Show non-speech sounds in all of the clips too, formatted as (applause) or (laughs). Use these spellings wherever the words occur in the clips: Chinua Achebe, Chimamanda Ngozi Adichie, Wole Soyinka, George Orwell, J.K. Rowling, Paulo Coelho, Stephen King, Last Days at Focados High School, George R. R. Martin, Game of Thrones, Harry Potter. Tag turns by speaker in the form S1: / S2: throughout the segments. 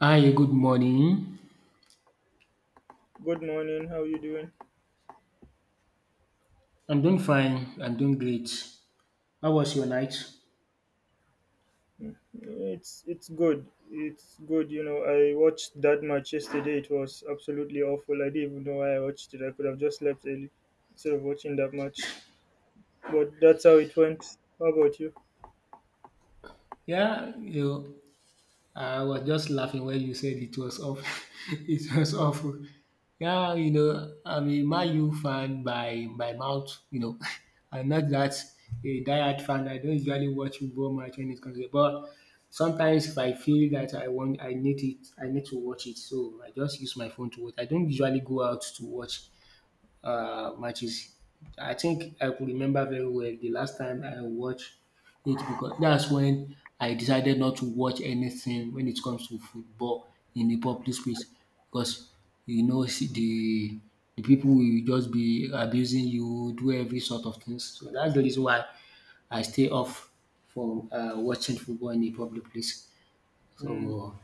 S1: Hi, good morning.
S2: Good morning. How you doing?
S1: I'm doing fine. I'm doing great. How was your night?
S2: It's good. It's good. You know, I watched that match yesterday. It was absolutely awful. I didn't even know why I watched it. I could have just slept early instead of watching that match. But that's how it went. How about you?
S1: Yeah, you know, I was just laughing when you said it was off. (laughs) It was awful. I'm a Man U fan by mouth, (laughs) I'm not that a diehard fan. I don't usually watch football match when it comes to but sometimes if I feel that I need it, I need to watch it. So I just use my phone to watch. I don't usually go out to watch matches. I think I could remember very well the last time I watched it because that's when I decided not to watch anything when it comes to football in the public space because see the people will just be abusing you, do every sort of things. So that's the reason why I stay off from watching football in a public place.
S2: Mm.
S1: So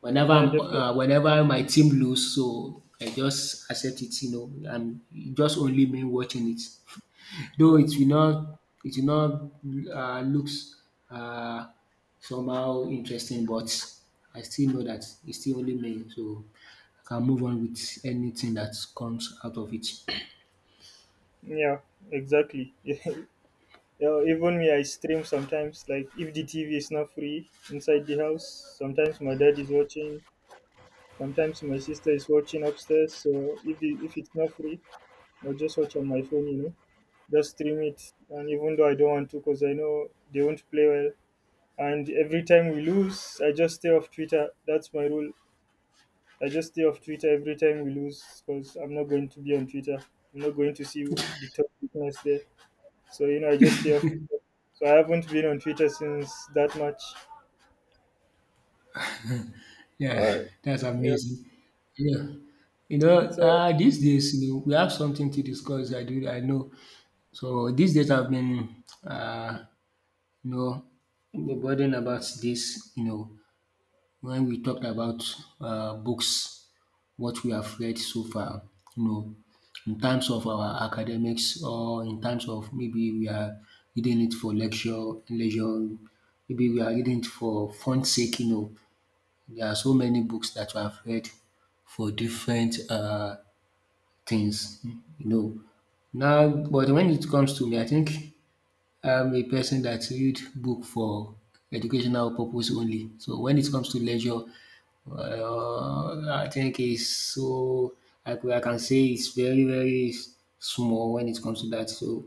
S1: whenever
S2: Yeah,
S1: I'm
S2: definitely.
S1: whenever my team lose, so I just accept it, you know, and it just only me watching it. (laughs) Though
S2: Mm.
S1: it will not it will not looks uh, somehow interesting, but I still know that it's still only me, so I can move on with anything that comes out of it.
S2: Yeah, exactly. (laughs) Yeah, even me, I stream sometimes. Like if the TV is not free inside the house, sometimes my dad is watching. Sometimes my sister is watching upstairs. So if if it's not free, I'll just watch on my phone. You know, just stream it. And even though I don't want to, because I know they won't play well. And every time we lose, I just stay off Twitter. That's my rule. I just stay off Twitter every time we lose because I'm not going to be on Twitter. I'm not going to see the top weakness there. So, you know, I just stay off Twitter. So I haven't been on Twitter since that much.
S1: Yeah,
S2: Uh,
S1: (laughs) that's
S2: yeah.
S1: amazing. Yeah.
S2: So,
S1: These days, you know, we have something to discuss. I do, I know. So these days, I've been You know, we're burden about this, you know, when we talked about books, what we have read so far, you know, in terms of our academics or in terms of maybe we are reading it for lecture, leisure, maybe we are reading it for fun sake, you know. There are so many books that we have read for different things, you know. Now, but when it comes to me, I think I'm a person that read book for educational purpose only. So when it comes to leisure, I think it's so I can say it's very small when it comes to that. So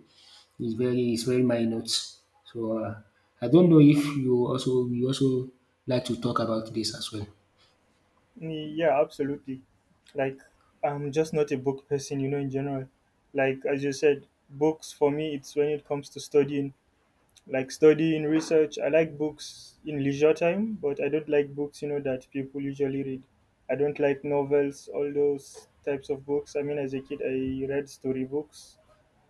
S1: it's very minor. So I don't know if you also like to talk about this as well.
S2: yeah, absolutely. Like, I'm just not a book person, you know, in general. Like, as you said, books for me, it's when it comes to studying like studying, research. I like books in leisure time, but I don't like books, you know, that people usually read. I don't like novels, all those types of books. I mean, as a kid, I read story books,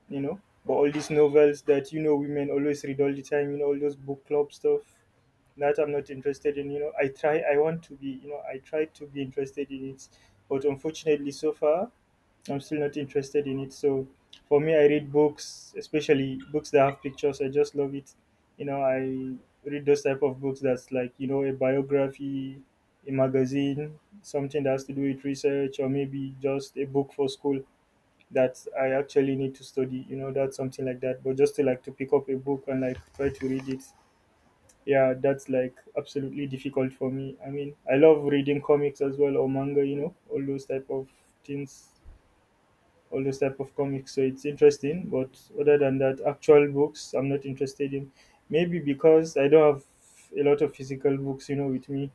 S2: you know, but all these novels that, you know, women always read all the time, you know, all those book club stuff that I'm not interested in, you know. I want to be, you know, I try to be interested in it, but unfortunately, so far, I'm still not interested in it. So for me, I read books, especially books that have pictures. I just love it. You know, I read those type of books that's like, you know, a biography, a magazine, something that has to do with research, or maybe just a book for school that I actually need to study. You know, that's something like that. But just to like to pick up a book and like try to read it. Yeah, that's like absolutely difficult for me. I mean, I love reading comics as well or manga, you know, all those type of things, all those type of comics. So it's interesting, but other than that, actual books I'm not interested in. Maybe because I don't have a lot of physical books, you know, with me.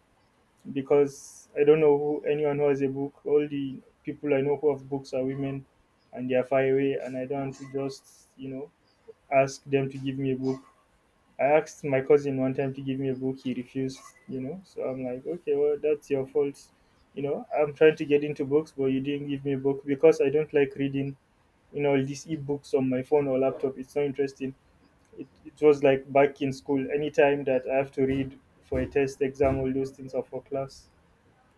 S2: Because I don't know who, anyone who has a book. All the people I know who have books are women, and they are far away, and I don't want to just, you know, ask them to give me a book. I asked my cousin one time to give me a book. He refused, you know. So I'm like, okay, well, that's your fault. You know, I'm trying to get into books, but you didn't give me a book because I don't like reading, you know, all these ebooks on my phone or laptop. It's so interesting. It was like back in school, anytime that I have to read for a test exam, all those things are for class.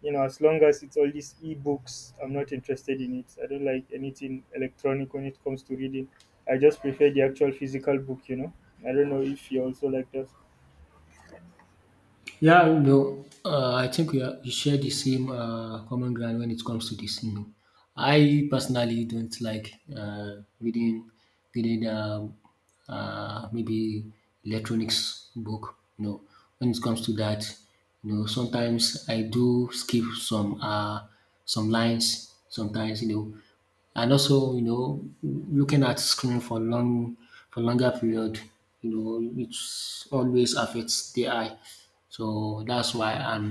S2: You know, as long as it's all these ebooks, I'm not interested in it. I don't like anything electronic when it comes to reading. I just prefer the actual physical book, you know. I don't know if you also like that.
S1: Yeah, no, I think we share the same common ground when it comes to this. You know, I personally don't like reading maybe electronics book. You know, when it comes to that, you know, sometimes I do skip some lines. Sometimes you know and also you know looking at screen for longer period, you know it's always affects the eye, so that's why I'm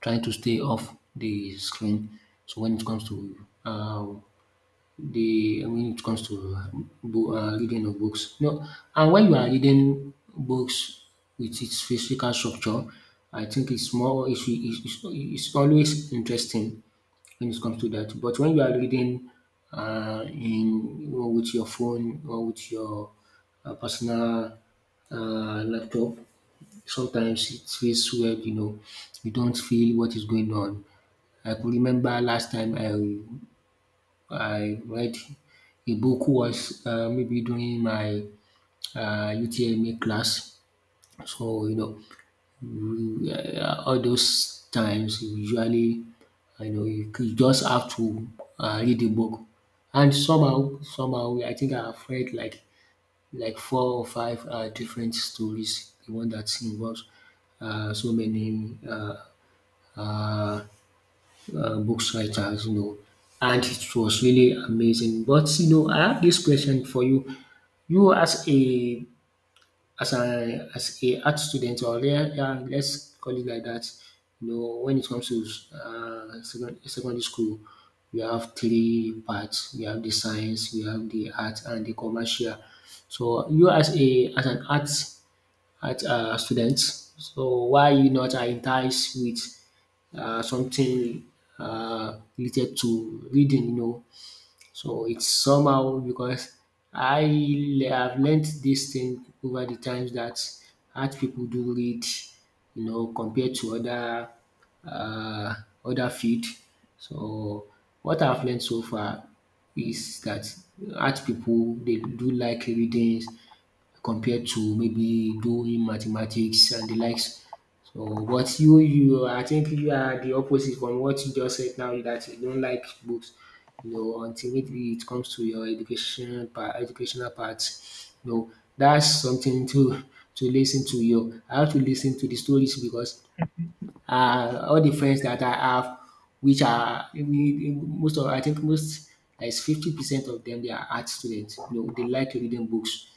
S1: trying to stay off the screen. So when it comes to the when it comes to bo reading of books. No, and when you are reading books with its physical structure, I think it's always interesting when it comes to that. But when you are reading in you know, with your phone or with your personal laptop, sometimes it feels weird, you know. You don't feel what is going on. I could remember last time I read a book was maybe during my UTMA class. So you know, all those times usually, you know, you could just have to read the book, and somehow, somehow, I think I've read like four or five different stories. The one that involves so many uh, books writers, you know, and it was really amazing. But you know, I have this question for you. You as a as a art student or let's call it like that, you know, when it comes to secondary school, we have three parts. We have the science, we have the art, and the commercial. So you as a as an art at students. So why you not entice with something related to reading? You know, so it's somehow because I have learned this thing over the times that art people do read. You know, compared to other uh, other field. So what I've learned so far is that art people they do like readings compared to maybe doing mathematics and the likes. So but you I think you are the opposite from what you just said now that you don't like books. You know, until maybe it comes to your education part, educational parts. You know, that's something to listen to you. I have to listen to the stories because all the friends that I have, which are most of I think most like 50% of them they are art students. You know, they like reading books,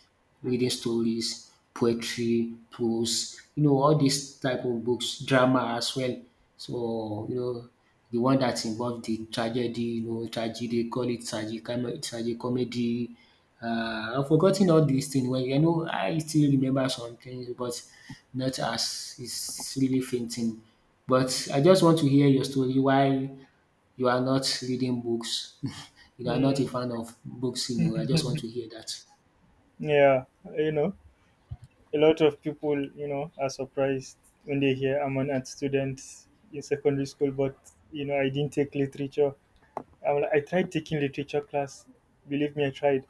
S1: reading stories, poetry, prose. You know, all these type of books, drama as well. So you know, the one that involve the tragedy, you know, tragedy, call it tragic, tragic comedy, I've forgot all these things. Well, you know I still remember some things but not as it's really fainting. But I just want to hear your story why you are not reading books. (laughs) You are not a
S2: Mm.
S1: fan of books, you know, I just want to hear that.
S2: (laughs) Yeah, you know, a lot of people, you know, are surprised when they hear I'm an art student in secondary school, but you know, I didn't take literature. I'm, I tried taking literature class. Believe me, I tried,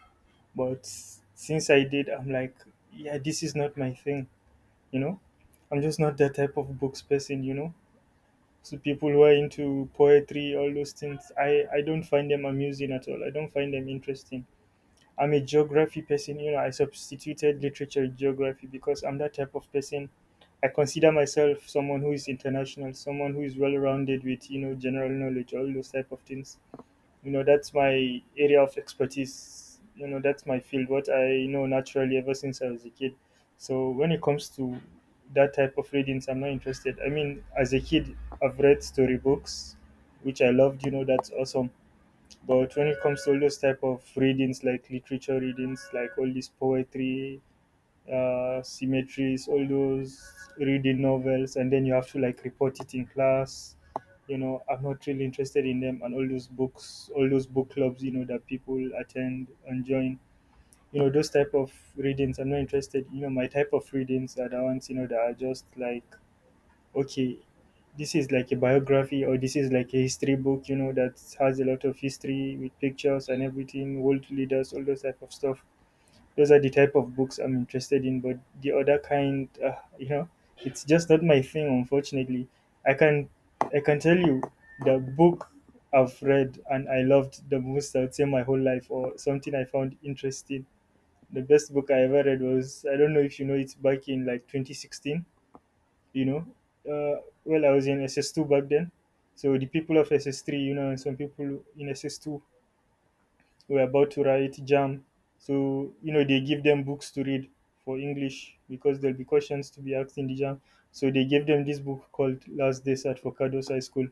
S2: but since I did, I'm like, yeah, this is not my thing. You know, I'm just not that type of books person. You know, so people who are into poetry, all those things, I don't find them amusing at all. I don't find them interesting. I'm a geography person. You know, I substituted literature with geography because I'm that type of person. I consider myself someone who is international, someone who is well rounded with, you know, general knowledge, all those type of things. You know, that's my area of expertise. You know, that's my field. What I know naturally ever since I was a kid. So when it comes to that type of readings, I'm not interested. I mean, as a kid, I've read storybooks, which I loved. You know, that's awesome, but when it comes to all those type of readings, like literature readings, like all these poetry, symmetries, all those reading novels, and then you have to like report it in class. You know, I'm not really interested in them, and all those books, all those book clubs, you know, that people attend and join. You know, those type of readings, I'm not interested. You know, my type of readings are the ones, you know, that are just like okay, this is like a biography or this is like a history book, you know, that has a lot of history with pictures and everything, world leaders, all those type of stuff. Those are the type of books I'm interested in, but the other kind, you know, it's just not my thing, unfortunately. I can, I can tell you, the book I've read and I loved the most, I would say, my whole life, or something I found interesting. The best book I ever read was, I don't know if you know, it's back in like 2016, you know. Well, I was in SS2 back then. So the people of SS3, you know, and some people in SS2 were about to write JAM. So, you know, they give them books to read for English because there'll be questions to be asked in the JAM. So they gave them this book called Last Days at Focados High School.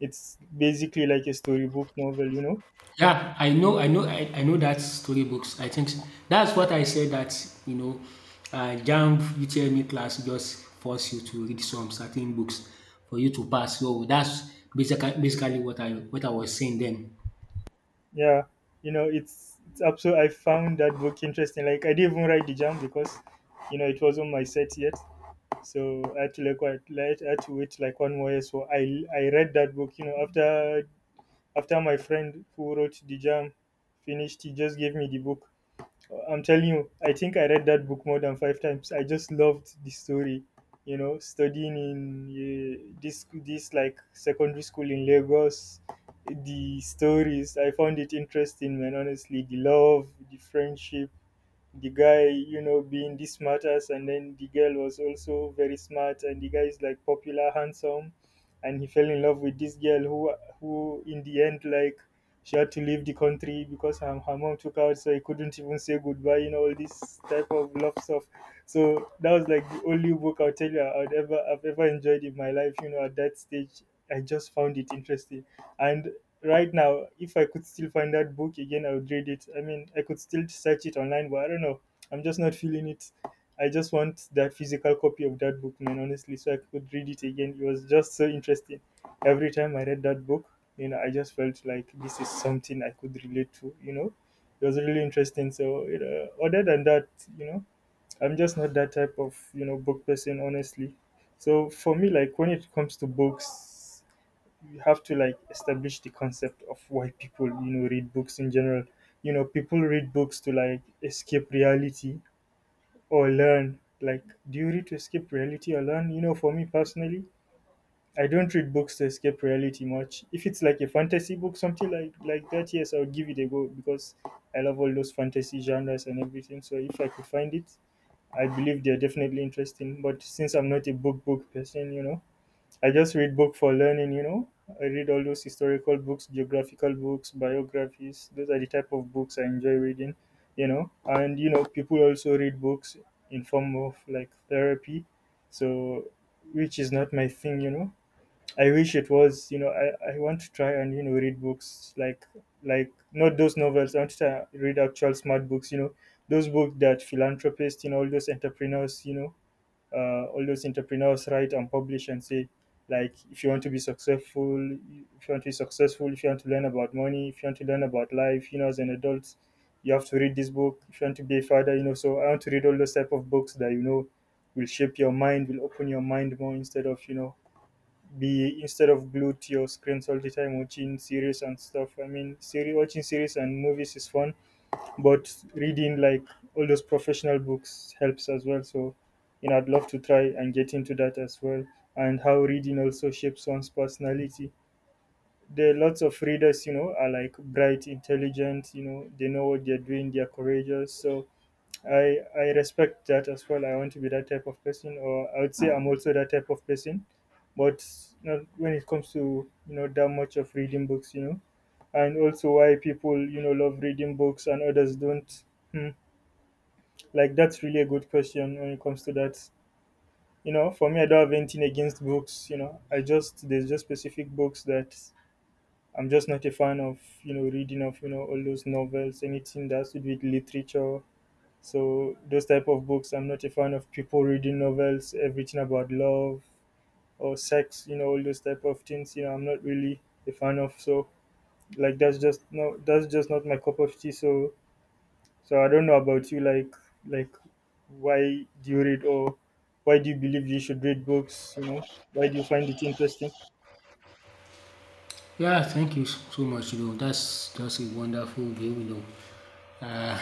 S2: It's basically like a storybook novel, you know?
S1: Yeah, I know I know that story books. I think that's what I said that, you know, JAMB UTME class just force you to read some certain books for you to pass. So that's basically what I was saying then.
S2: Yeah. You know, it's absolutely, I found that book interesting. Like, I didn't even write the JAM because, you know, it wasn't my set yet. So I had to like wait, like, I had to wait like one more year. So I read that book. You know, after my friend who wrote the jam finished, he just gave me the book. I'm telling you, I think I read that book more than five times. I just loved the story. You know, studying in this like secondary school in Lagos, the stories I found it interesting, man. Honestly, the love, the friendship, the guy, you know, being this smart ass, and then the girl was also very smart, and the guy is like popular, handsome, and he fell in love with this girl who in the end, like, she had to leave the country because her mom took out, so he couldn't even say goodbye, you know, all this type of love stuff. So that was like the only book I'll tell you I've ever enjoyed in my life. You know, at that stage, I just found it interesting, and right now, if I could still find that book again, I would read it. I mean, I could still search it online, but I don't know. I'm just not feeling it. I just want that physical copy of that book, man, honestly, so I could read it again. It was just so interesting. Every time I read that book, you know, I just felt like this is something I could relate to, you know. It was really interesting. So, you know, other than that, you know, I'm just not that type of, you know, book person, honestly. So for me, like when it comes to books, you have to like establish the concept of why people, you know, read books in general. You know, people read books to like escape reality or learn. Like, do you read to escape reality or learn? You know, for me personally, I don't read books to escape reality much. If it's like a fantasy book, something like that, yes, I'll give it a go because I love all those fantasy genres and everything, so if I could find it, I believe they're definitely interesting. But since I'm not a book person, you know, I just read book for learning, you know. I read all those historical books, geographical books, biographies. Those are the type of books I enjoy reading, you know. And you know, people also read books in form of like therapy. So, which is not my thing, you know. I wish it was, you know, I want to try and, you know, read books like not those novels. I want to read actual smart books, you know, those books that philanthropists, you know, all those entrepreneurs, you know, all those entrepreneurs write and publish and say, like if you want to be successful, if you want to be successful if you want to learn about money, if you want to learn about life, you know, as an adult, you have to read this book. If you want to be a father, you know. So I want to read all those type of books that, you know, will shape your mind, will open your mind more, instead of, you know, be instead of glued to your screens all the time watching series and stuff. I mean, series watching series and movies is fun, but reading, like, all those professional books helps as well. So you know, I'd love to try and get into that as well. And how reading also shapes one's personality. There are lots of readers, you know, are like bright, intelligent, you know, they know what they're doing, they're courageous. So I respect that as well. I want to be that type of person, or I would say I'm also that type of person, but not when it comes to, you know, that much of reading books, you know. And also why people, you know, love reading books and others don't. Hmm. Like that's really a good question when it comes to that. You know, for me, I don't have anything against books. You know, I just, there's just specific books that I'm just not a fan of. You know, reading of, you know, all those novels, anything that has to do with literature, so those type of books, I'm not a fan of people reading novels, everything about love or sex, you know, all those type of things. You know, I'm not really a fan of. So like that's just no, that's just not my cup of tea. So I don't know about you. Like like why do you read, or why do you believe you should read books? You know, why do you find it interesting?
S1: Yeah, thank you so much. You know, that's just a wonderful view. You know, uh,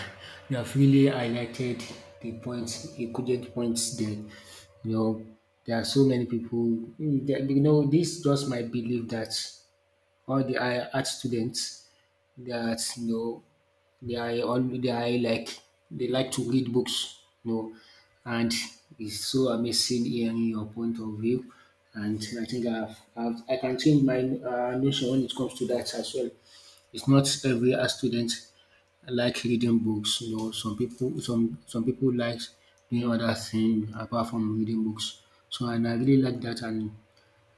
S1: you have really highlighted equivalent points there. You know, there are so many people. You know, this just my belief that all the art students that you know they are like they like to read books, you know, and it's so amazing hearing your point of view. And I think I can change my notion when it comes to that as well. It's not every art student like reading books, you know. Some people like doing other things apart from reading books. So and I really like that and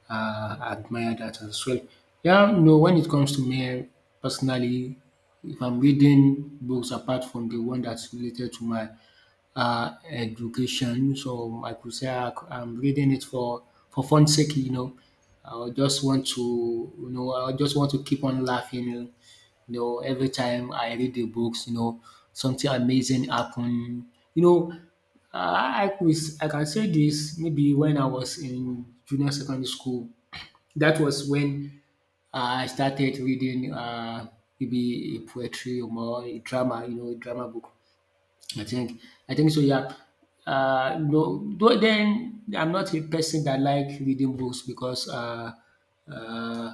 S1: admire that as well. Yeah, no. When it comes to me personally, if I'm reading books apart from the one that's related to my education, so I could say am reading it for fun's sake, you know. I just want to, you know, I just want to keep on laughing. You know, every time I read the books, you know, something amazing happen. You know, I I, could, I can say this maybe when I was in junior secondary school. That was when I started reading maybe a poetry or more a drama, you know, a drama book. I think I think so, yeah. No, though then I'm not a person that like reading books uh,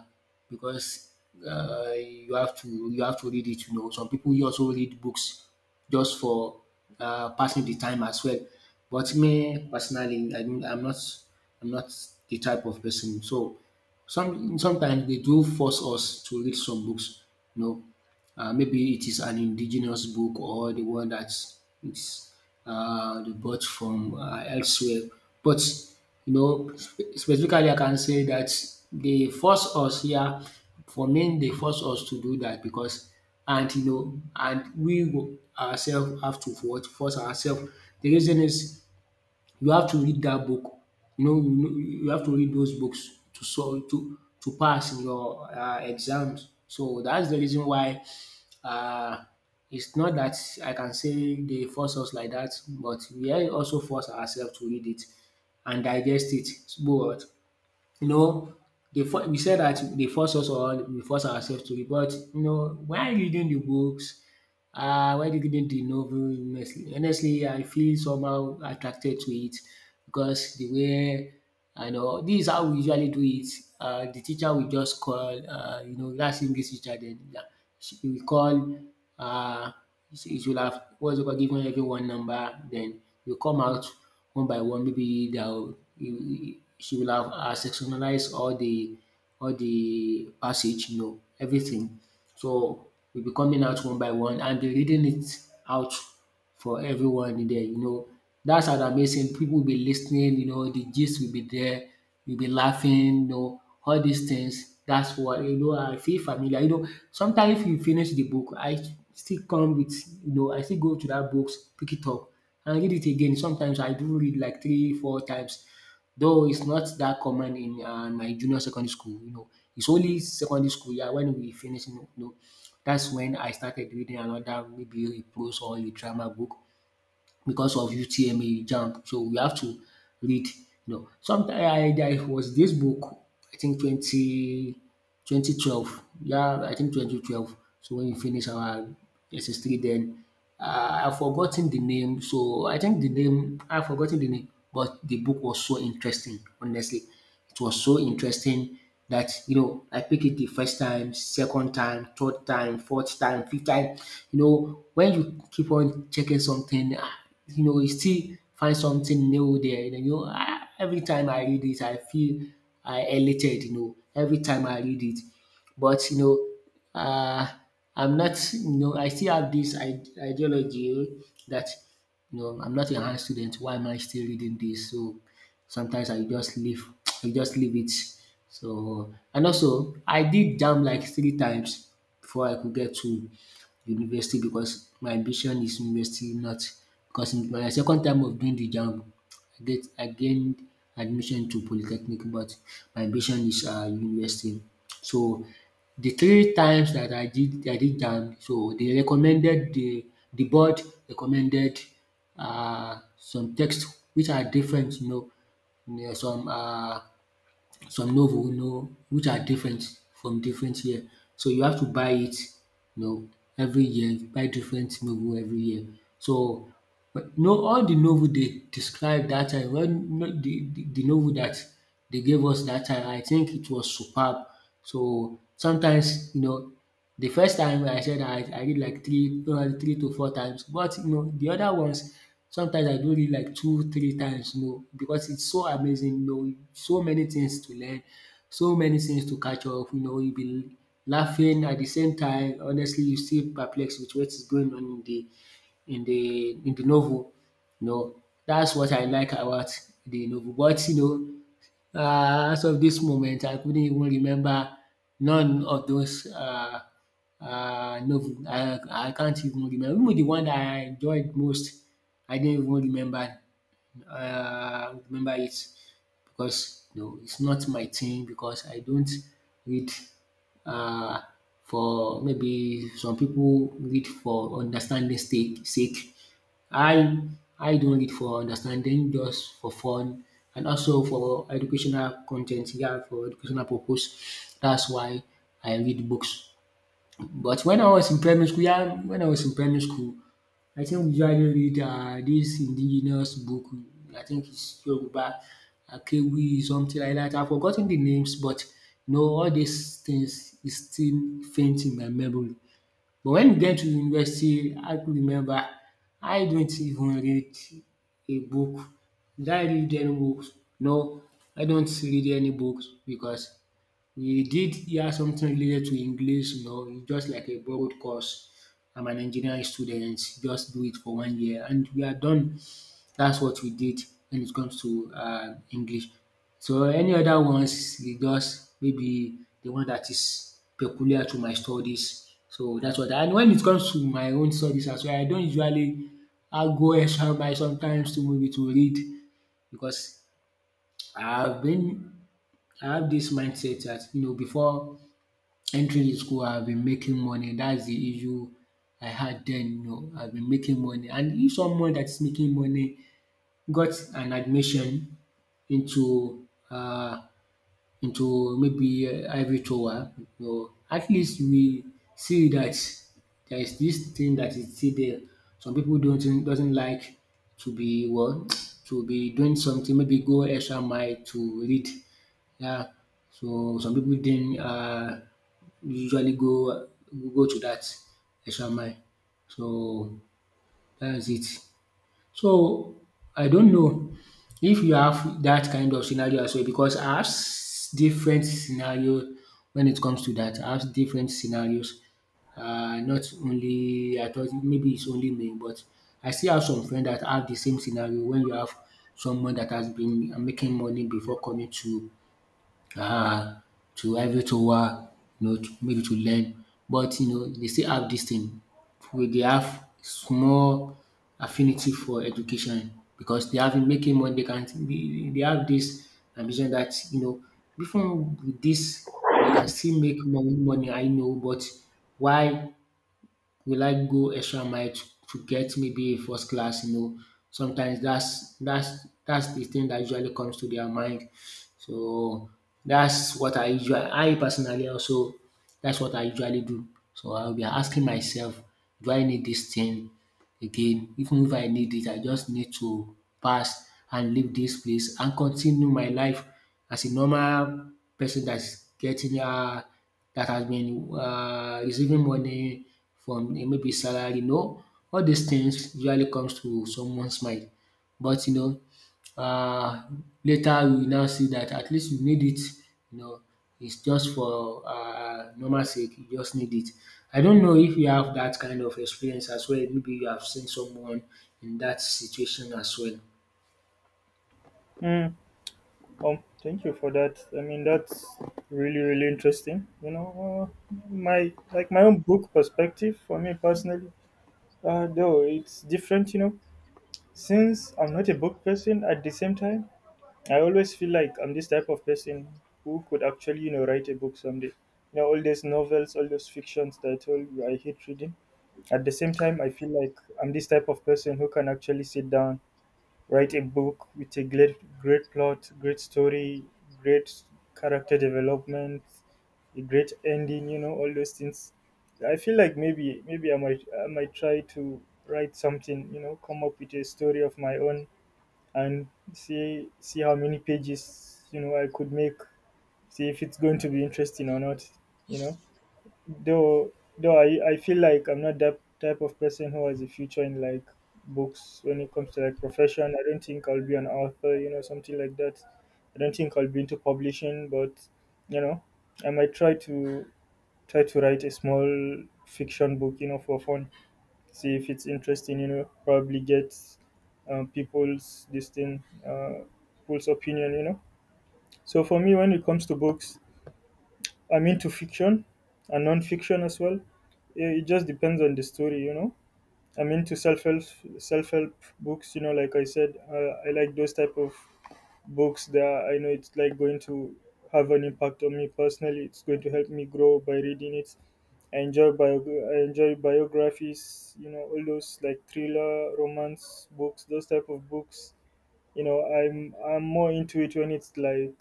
S1: because you have to read it. You know, some people you also read books just for passing the time as well. But me personally, I mean, I'm not the type of person. So sometimes they do force us to read some books. You know, maybe it is an indigenous book or the one that is they bought from elsewhere. But you know, specifically, I can say that they force us here. For me, they force us to do that because, and you know, and we ourselves have to force ourselves. The reason is you have to read that book. You know, you know, you have to read those books to so to pass in your exams. So that's the reason why uh, it's not that I can say they force us like that, but we are also force ourselves to read it and digest it. So, but you know, they for, we said that they force us or we force ourselves to read. But you know, while reading the books, why didn't the novel honestly? Honestly, I feel somehow attracted to it because the way I know this is how we usually do it. The teacher will just call, you know, that's English teacher. Then yeah, she will call. Uh, she will have what's it called, given everyone number. Then you come out one by one. Maybe they'll she will have sectionalized all the passage. You know everything. So will be coming out one by one and be reading it out for everyone in there, you know. That's an amazing people will be listening. You know, the gist will be there, you'll be laughing, you know, all these things. That's what you know I feel familiar. You know, sometimes if you finish the book, I still come with you know, I still go to that books, pick it up and read it again. Sometimes I do read like three, four times. Though it's not that common in my junior secondary school, you know, it's only secondary school, yeah, when we finish, you know, that's when I started reading another maybe a prose or a drama book because of UTMA jump. So we have to read, you know. Sometime there was this book I think twenty twenty twelve, yeah, I think 2012. So when we finish our SS3, then um I've forgotten the name so I think the name I've forgotten the name, but the book was so interesting, honestly. It was so interesting that, you know, I picked it the first time, second time, third time, fourth time, fifth time. You know, when you keep on checking something, ah, you know, you still find something new there. And you know, ah, every time I read it, I feel I elated. You know, every time I read it, but you know, I'm not. You know, I still have this ideology that, you know, I'm not a high student. Why am I still reading this? So sometimes I just leave (tsk) I just leave it. So and also I did JAMB like three times before I could get to university because my ambition is university, not because my second time of doing the JAMB I gained admission to polytechnic, but my ambition is university. So the three times that I did am, so they recommended the board recommended some text which are different, you know, yeah, some novel, you know, which are different from different year. So you have to buy it, you know, every year, buy different novel every year. So but no all the novel they describe that time when the novel that they gave us that time I think it was superb. So sometimes, you know, the first time I said I read like three, probably three to four times, but you know the other ones sometimes I do read like 2, 3 times, you know, because it's so amazing, you know, so many things to learn, so many things to catch up, you know, you will be laughing at the same time, honestly, you still perplexed with what is going on in the in the novel. You know, that's what I like about the novel. But you know, as of this moment I couldn't even remember none of those novel. I can't even remember. Even the one that I enjoyed most I didn't even remember remember it. Because no, it's not my thing because I don't read uh, for maybe some people read for understanding sake. I I don't read for understanding, just for fun and also for educational content, yeah, for educational purpose. That's why I read books. But when I was in primary school, yeah, when I was in primary school, I think we usually read dis indigenous book, I think is Yoruba Akewi, something like that. I have forgotten the names, but you know all these things is still faint in my memory. But when you get to university, I could remember? I don't even read a book. Did I read any books? No, I don't read any books because he did hear something related to English, you know, it's just like a borrowed course. I'm an engineering student, just do it for 1 year and we are done. That's what we did when it comes to English. So any other ones, e just maybe the one that is peculiar to my studies. So that's what and when it comes to my own studies as well, I don't usually I go extra mile sometimes to maybe to read because I've been I have this mindset that, you know, before entering school, I've been making money. That's the issue I had then. You know, I've been making money. And if someone that's making money got an admission into uh, into maybe ivory tower, or at least we see that there is this thing that is still there. Some people don't doesn't like to be well, (tsk) to be doing something maybe go extra mile to read. Yeah. So some people then not usually go to that extra mile. So that's it. So I don't know if you have that kind of scenario as well because I have different scenario when it comes to that. I have different scenarios. Not only I thought maybe it's only me, but I still have some friends that have the same scenario when you have someone that has been making money before coming to ah, to every to work, you know, to, maybe to learn. But you know, they still have this thing where they have small affinity for education because they have been making money, they have this ambition that, you know, even with this, I can still make more money I know, but why will I go extra mile to get maybe a first class, you know. Sometimes that's the thing that usually comes to their mind, so that's what I usually I personally also that's what I usually do. So I'll be asking myself, do I need this thing again? Even if I need it, I just need to pass and leave this place and continue my life as a normal person that's getting that has been receiving money from maybe salary. No, all these things usually comes to someone's mind. But you know, later you now see that at least you need it, you know, it's just for normal sake, you just need it. I don't know if you have that kind of experience as well, maybe you have seen someone in that situation as well.
S2: Mm. Thank you for that. I mean, that's really, really interesting. You know, my, like my own book perspective, for me personally. Though it's different, you know, since I'm not a book person, at the same time, I always feel like I'm this type of person who could actually, you know, write a book someday. You know, all these novels, all those fictions that I told you I hate reading. At the same time, I feel like I'm this type of person who can actually sit down, write a book with a great, great plot, great story, great character development, a great ending. You know, all those things. I feel like maybe, I might, I might try to write something. You know, come up with a story of my own and see how many pages, you know, I could make. See if it's going to be interesting or not. You know. Though though I feel like I'm not that type of person who has a future in like books when it comes to like profession. I don't think I'll be an author, you know, something like that. I don't think I'll be into publishing, but you know, I might try to try to write a small fiction book, you know, for fun. See if it's interesting, you know, probably get people's this thing, people's opinion, you know. So for me, when it comes to books, I'm into fiction and non-fiction as well. It just depends on the story, you know. I'm into self-help books, you know. Like I said, I like those type of books that I know it's like going to have an impact on me personally. It's going to help me grow by reading it. I enjoy I enjoy biographies, you know, all those like thriller, romance books, those type of books. You know, I'm more into it when it's like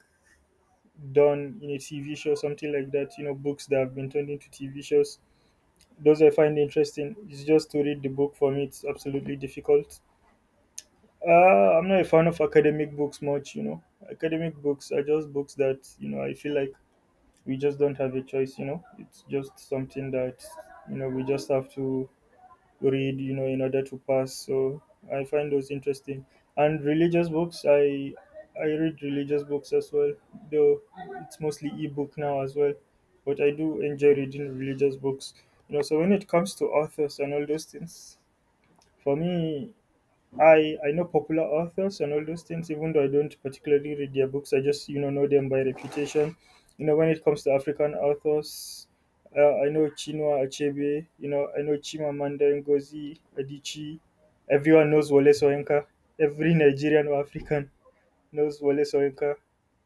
S2: done in a TV show, something like that, you know, books that have been turned into TV shows. Those I find interesting. It's just to read the book for me, it's absolutely difficult. I'm not a fan of academic books much, you know. Academic books are just books that, you know, I feel like we just don't have a choice, you know. It's just something that, you know, we just have to read, you know, in order to pass. So I find those interesting. And religious books, I read religious books as well, though it's mostly ebook now as well. But I do enjoy reading religious books. You know, so when it comes to authors and all those things, for me, I know popular authors and all those things, even though I don't particularly read their books. I just, you know them by reputation. You know, when it comes to African authors, I know Chinua Achebe. You know, I know Chimamanda Ngozi Adichie. Everyone knows Wole Soyinka. Every Nigerian or African knows Wole Soyinka.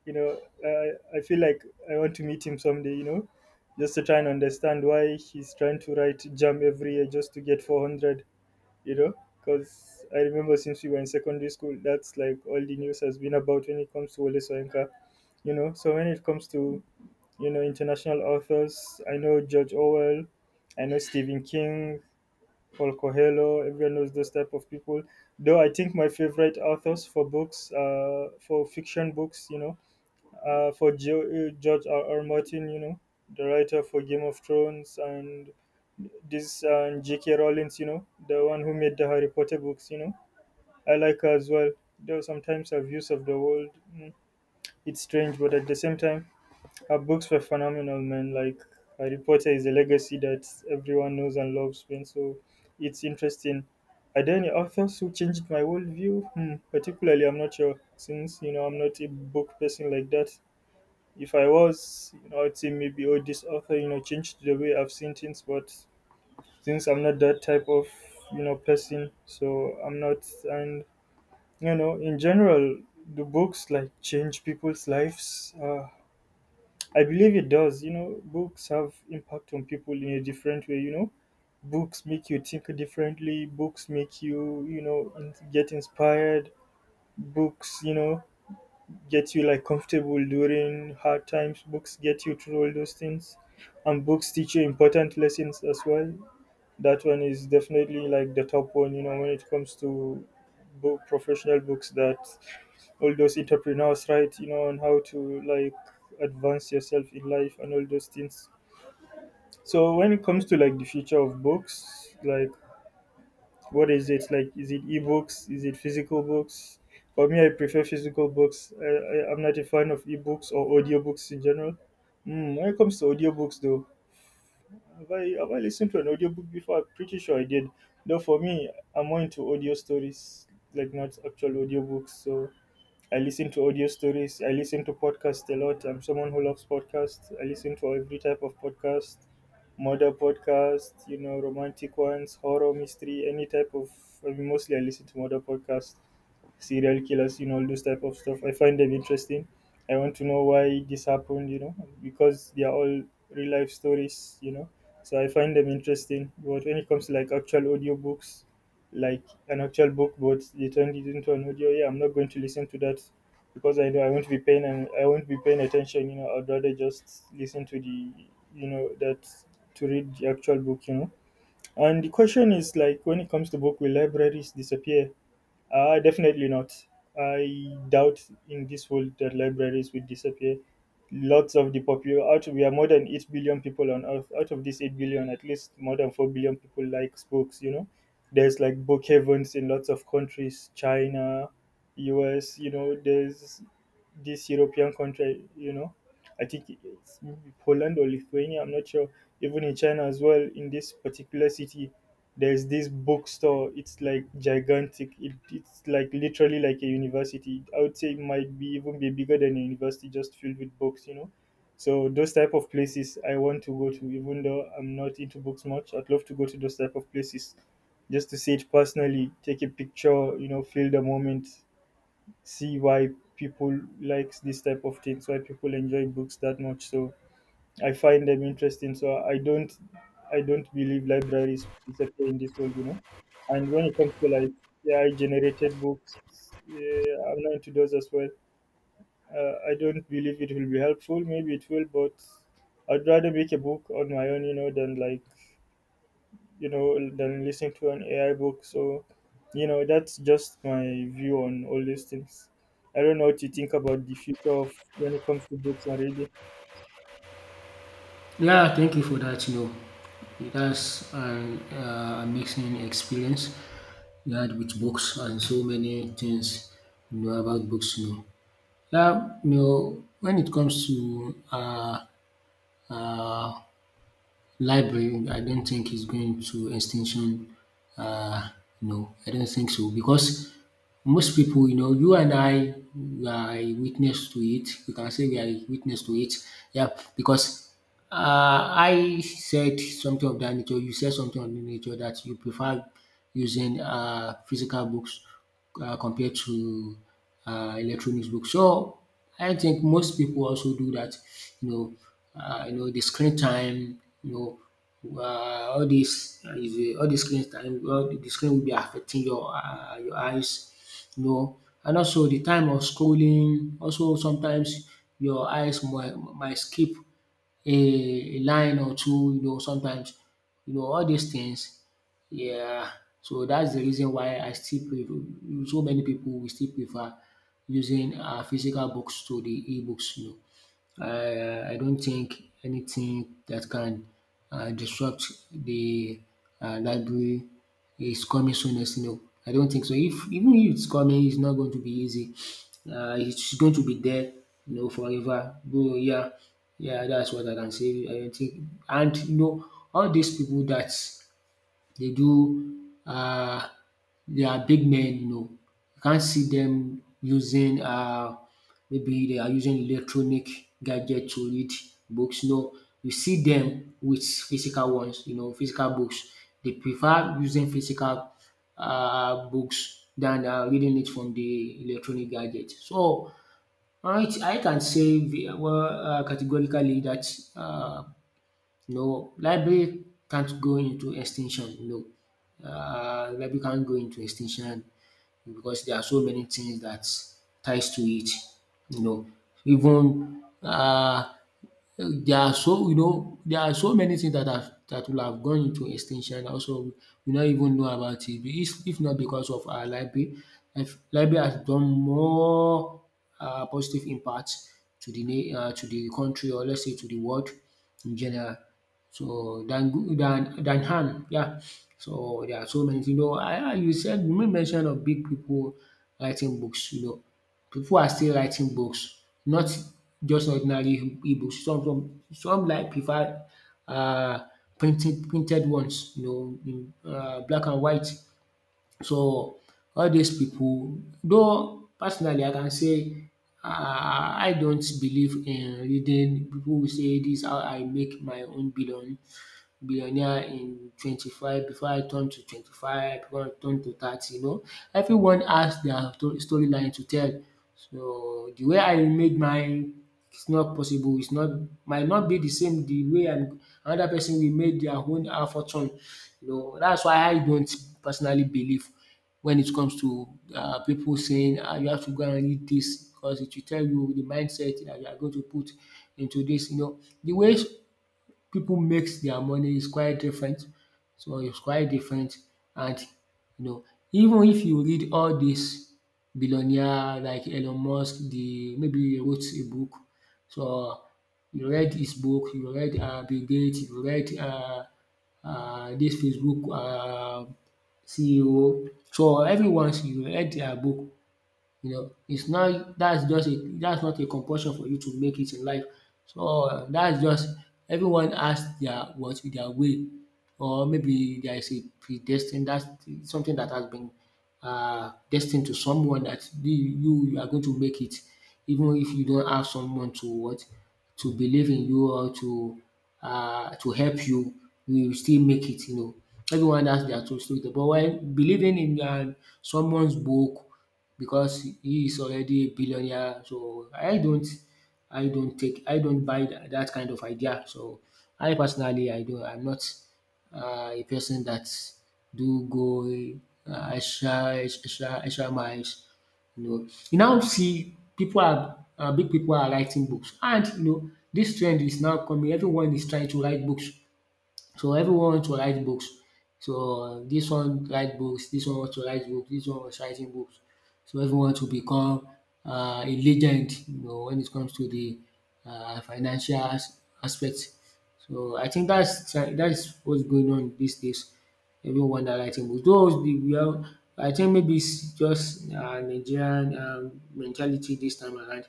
S2: You know, I feel like I want to meet him someday. You know, just to try and understand why he's trying to write jam every year just to get 400, you know, because I remember since we were in secondary school, that's like all the news has been about when it comes to Wole Soyinka, you know. So when it comes to, you know, international authors, I know George Orwell, I know Stephen King, Paul Coelho. Everyone knows those type of people. Though I think my favorite authors for books, uh, for fiction books, you know, George R. R. Martin, you know, the writer for Game of Thrones, and this and J.K. Rowling, you know, the one who made the Harry Potter books, you know. I like her as well. Though sometimes her views of the world, mm, it's strange, but at the same time, her books were phenomenal, man. Like Harry Potter is a legacy that everyone knows and loves, man. So it's interesting. Are there any authors who changed my worldview? Hmm, particularly, I'm not sure, since, you know, I'm not a book person like that. If I was, you know, I'd say maybe, oh, this author, you know, changed the way I've seen things. But since I'm not that type of, you know, person, so I'm not. And, you know, in general, do books like change people's lives? I believe it does. You know, books have impact on people in a different way, you know. Books make you think differently. Books make you, you know, get inspired. Books, you know, get you like comfortable during hard times. Books get you through all those things, and books teach you important lessons as well. That one is definitely like the top one, you know, when it comes to book professional books that all those entrepreneurs write, you know, on how to like advance yourself in life and all those things. So when it comes to like the future of books, like what is it like? Is it ebooks? Is it physical books? For me, I prefer physical books. I'm not a fan of ebooks or audiobooks in general. Mm, when it comes to audiobooks, though, have I listened to an audiobook before? I'm pretty sure I did. Though for me, I'm more into audio stories, like not actual audiobooks. So I listen to audio stories. I listen to podcasts a lot. I'm someone who loves podcasts. I listen to every type of podcast, murder podcast, you know, romantic ones, horror, mystery, any type of. I mean, mostly I listen to murder podcasts, serial killers, you know, all those type of stuff. I find them interesting. I want to know why this happened, you know, because they are all real life stories, you know. So I find them interesting. But when it comes to like actual audiobooks, like an actual book, but they turned it into an audio, yeah, I'm not going to listen to that because I know I won't be paying attention, you know. I'd rather just listen to the, you know, that to read the actual book, you know. And the question is like when it comes to book, will libraries disappear? Definitely not. I doubt in this world that libraries will disappear. Lots of the popular out We are more than 8 billion people on earth. Out of these 8 billion, at least more than 4 billion people likes books. You know, there's like book heavens in lots of countries, China, U.S. You know, there's this European country. You know, I think it's maybe Poland or Lithuania. I'm not sure. Even in China as well, in this particular city, there's this bookstore. It's like gigantic. It's like literally like a university. I would say it might be even be bigger than a university, just filled with books. So those type of places I want to go to, even though I'm not into books much, I'd love to go to those type of places, just to see it personally, take a picture, you know, feel the moment, see why people likes this type of things, why people enjoy books that much. So I find them interesting. So I don't believe libraries will disappear in this world. And when it comes to like AI generated books, yeah, I'm not into those as well. I don't believe it will be helpful. Maybe it will, but I'd rather make a book on my own, you know, than like than listening to an AI book. So that's just my view on all these things. I don't know what you think about the future of when it comes to books and reading.
S1: Yeah, thank you for that. You know, dats an amazing experience you had with books and so many things you know about books, you know. Yeah, you know, when it comes to um library, I don't think is going to extinction. Uh, no, I don't think so because most people, you know, you and I we are a witness to it. We can say we are a witness to it. Yeah, because I said something of that nature. You said something of the nature that you prefer using physical books compared to electronic books. So I think most people also do that, you know, you know the screen time, you know, all dis screen time, all the screen will be affecting your eyes, you know, and also the time of scrolling also sometimes your eyes might skip a line or two, you know, sometimes. You know, all these things, yeah, so that's the reason why I still prefer, so many people will still prefer using physical books to the e-books, you know. I don't think anything that can disrupt the library is coming soonest. No, I don't think so. If even if it's coming, it's not going to be easy. It's going to be there, you know, forever. Though, yeah, that's what I can say. I don't think, and you know, all these people that they do they are big men, you know. You can't see them using maybe they are using electronic gadget to read books. No, you see them with physical ones, you know, physical books. They prefer using physical books than reading it from the electronic gadget. So I can say well categorically that um no, library can't go into extinction. No, library can't go into extinction because there are so many things that ties to it. You know, even there are so you know there are so many things that have that will have gone into extinction also we not even know about it if not because of our library. If library has done more positive impact to the na to the country, or let's say to the world in general, so than good than harm, yeah. So there are so many things, you know, I you said you make mention of big people writing books, you know. People are still writing books, not just ordinary ebooks. Some some like prefer uh, printed ones, you know, black and white. So all these people, though personally I can say I don't believe in reading people wey say dis how I make my own billionaire in 25 before I turn to 30, you know. Everyone has their story line to tell. So the way I made mine is not possible. It's not, might not be the same. The way I'm, another person will make their own fortune, you know. That's why I don't personally believe when it comes to pipu saying you have to go and read this because it will tell you the mindset that you are going to put into this, you know. The way people makes their money is quite different. So it's quite different, and you know, even if you read all these billionaire like Elon Musk, the maybe he wrote a book. So you read his book, you read Bill Gates, you read dis Facebook CEO. So everyone's you read their book, you know, it's not, that's not a compulsion for you to make it in life. So that's just, everyone has their, what, their way, or maybe there is a predestined, that's something that has been destined to someone that you are going to make it even if you don't have someone to, what, to believe in you or to help you, you will still make it, you know. Everyone has their true story, but when believing in someone's book because he is already a billionaire. So I don't take, I don't buy that kind of idea. So I personally, I'm not a person that do go extra miles. You know, you now see people are big people are writing books, and you know this trend is now coming, everyone is trying to write books, so everyone want to write books. So this one write books, this one want to write books, this one was writing books. So everyone to become a legend, you know, when it comes to the financial as aspect. So I think that is what's going on these days. Everyone are writing books. Those the we are I think maybe it's just Nigerian mentality this time around.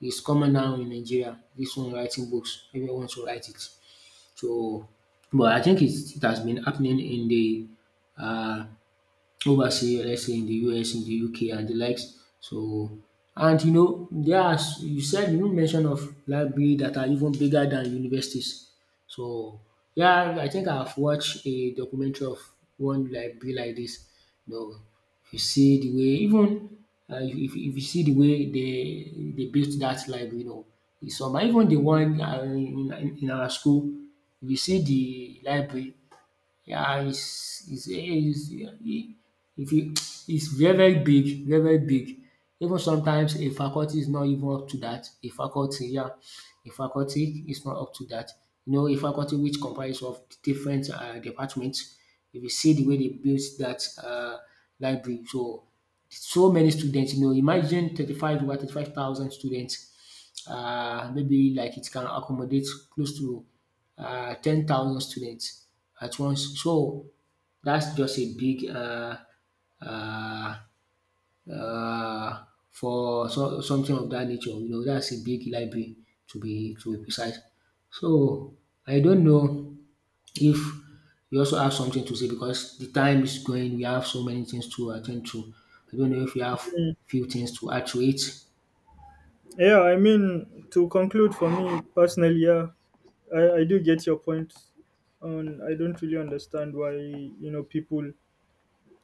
S1: It's common now in Nigeria. This one writing books, everyone want to write it. So, but I think it has been happening in the um overseas, let's say in the US, in the UK and the likes. So, and you know there are you said you mention of library that are even bigger than universities. So yeah, I think I've watched a documentary of one library like this. You know, if you see the way even if you see the way they built that library, you know, it's some, even the one in our school. If you see the library, yeah, it's, eh, it's it- if you, it's very big, very big. Even sometimes a faculty is not even up to that. A faculty, yeah, a faculty is not up to that. You know, a faculty which comprises of different departments. If you see the way they built that library, so so many students. You know, imagine 35,000 students, maybe like it can accommodate close to 10,000 students at once. So that's just a big uh, uh, something of that nature. You know, that's a big library, to be precise. So I don't know if you also have something to say, because the time is going. We have so many things to attend to. I don't know if you have few things to add to it.
S2: Yeah, I mean, to conclude for me personally, yeah, I do get your point on. I don't really understand why, you know, people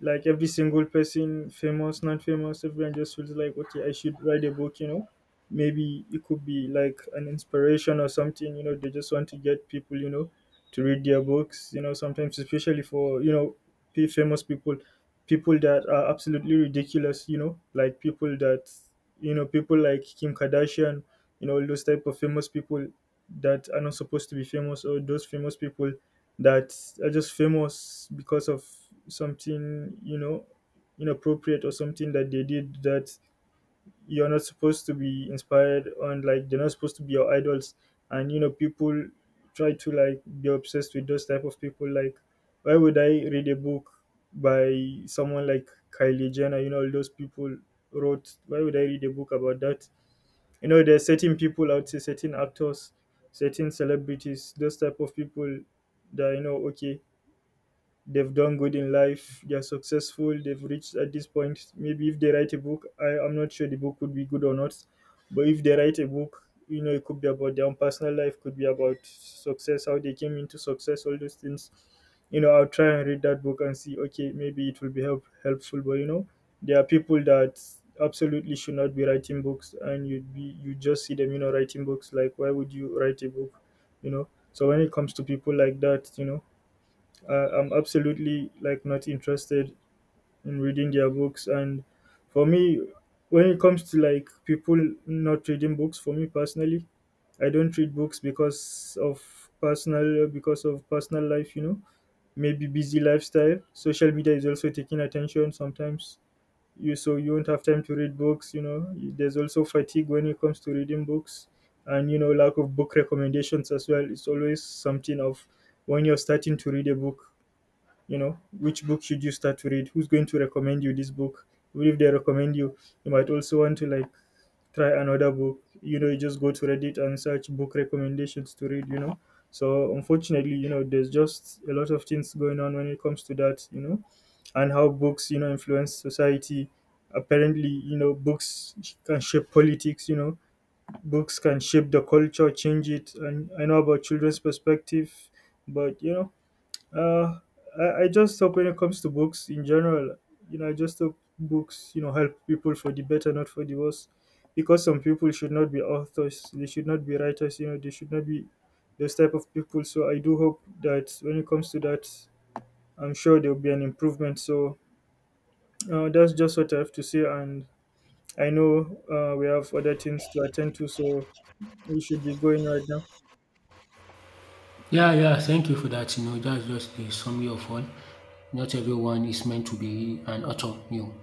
S2: like every single person, famous, non famous, everyone just feels like, okay, I should write a book, you know. Maybe it could be like an inspiration or something, you know, they just want to get people, you know, to read their books, you know, sometimes, especially for, you know, famous people, people that are absolutely ridiculous, you know, like people that, you know, people like Kim Kardashian, you know, all those type of famous people that are not supposed to be famous, or those famous people that are just famous because of something, you know, inappropriate, or something that they did that you're not supposed to be inspired on. Like, they're not supposed to be your idols, and you know people try to like be obsessed with those type of people. Like, why would I read a book by someone like Kylie Jenner? You know, all those people wrote. Why would I read a book about that? You know, there's certain people out there, certain actors, certain celebrities, those type of people that, you know, okay, they've done good in life, they're successful, they've reached at this point. Maybe if they write a book, I'm not sure the book would be good or not. But if they write a book, you know, it could be about their own personal life, could be about success, how they came into success, all those things. You know, I'll try and read that book and see, okay, maybe it will be helpful. But you know, there are people that absolutely should not be writing books and you just see them, you know, writing books. Like, why would you write a book? You know? So when it comes to people like that, you know, I'm absolutely like not interested in reading their books. And for me, when it comes to like people not reading books, for me personally, I don't read books because of personal life. You know, maybe busy lifestyle. Social media is also taking attention sometimes. You so you won't have time to read books. You know, there's also fatigue when it comes to reading books, and you know lack of book recommendations as well. It's always something of when you're starting to read a book, you know, which book should you start to read, who's going to recommend you this book. Even if they recommend you, you might also want to like try another book. You know, you just go to Reddit and search book recommendations to read, you know. So unfortunately, you know, there's just a lot of things going on when it comes to that, you know. And how books, you know, influence society. Apparently, you know, books can shape politics, you know, books can shape the culture, change it, and I know about children's perspective. But you know, uh, I just hope when it comes to books in general, you know, I just hope books, you know, help people for the better, not for the worse. Because some people should not be authors, they should not be writers, you know, they should not be those type of people. So I do hope that when it comes to that, I'm sure there will be an improvement. So that's just what I have to say. And I know we have other things to attend to, so we should be going right now.
S1: Yeah, yeah, thank you for that. You know, that's just a summary of all. Not everyone is meant to be an author, you know.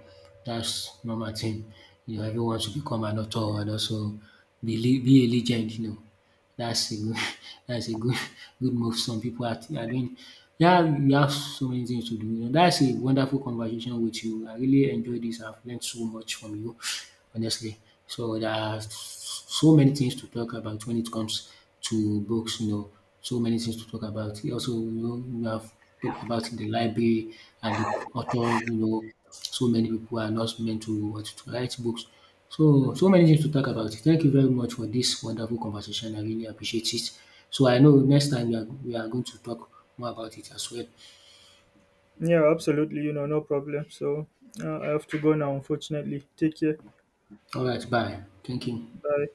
S1: That's normal thing. You know, everyone should become an author and also be a legend, you know. That's a good, (laughs) that's a good, good move some people are doing. Yeah, we have so many things to do. You know, that's a wonderful conversation with you. I really enjoyed this. I've learned so much from you, honestly. So there are so many things to talk about when it comes to books, you know, so many things to talk about. You also, you know, we have talked about the library and the author, you know, so many people are not meant to want to write books. So, so many things to talk about. Thank you very much for this wonderful conversation. I really appreciate it. So I know next time we are going to talk more about it as well.
S2: Yeah, absolutely, you know, no problem. So I have to go now, unfortunately. Take care.
S1: All right, bye. Thank you.
S2: Bye.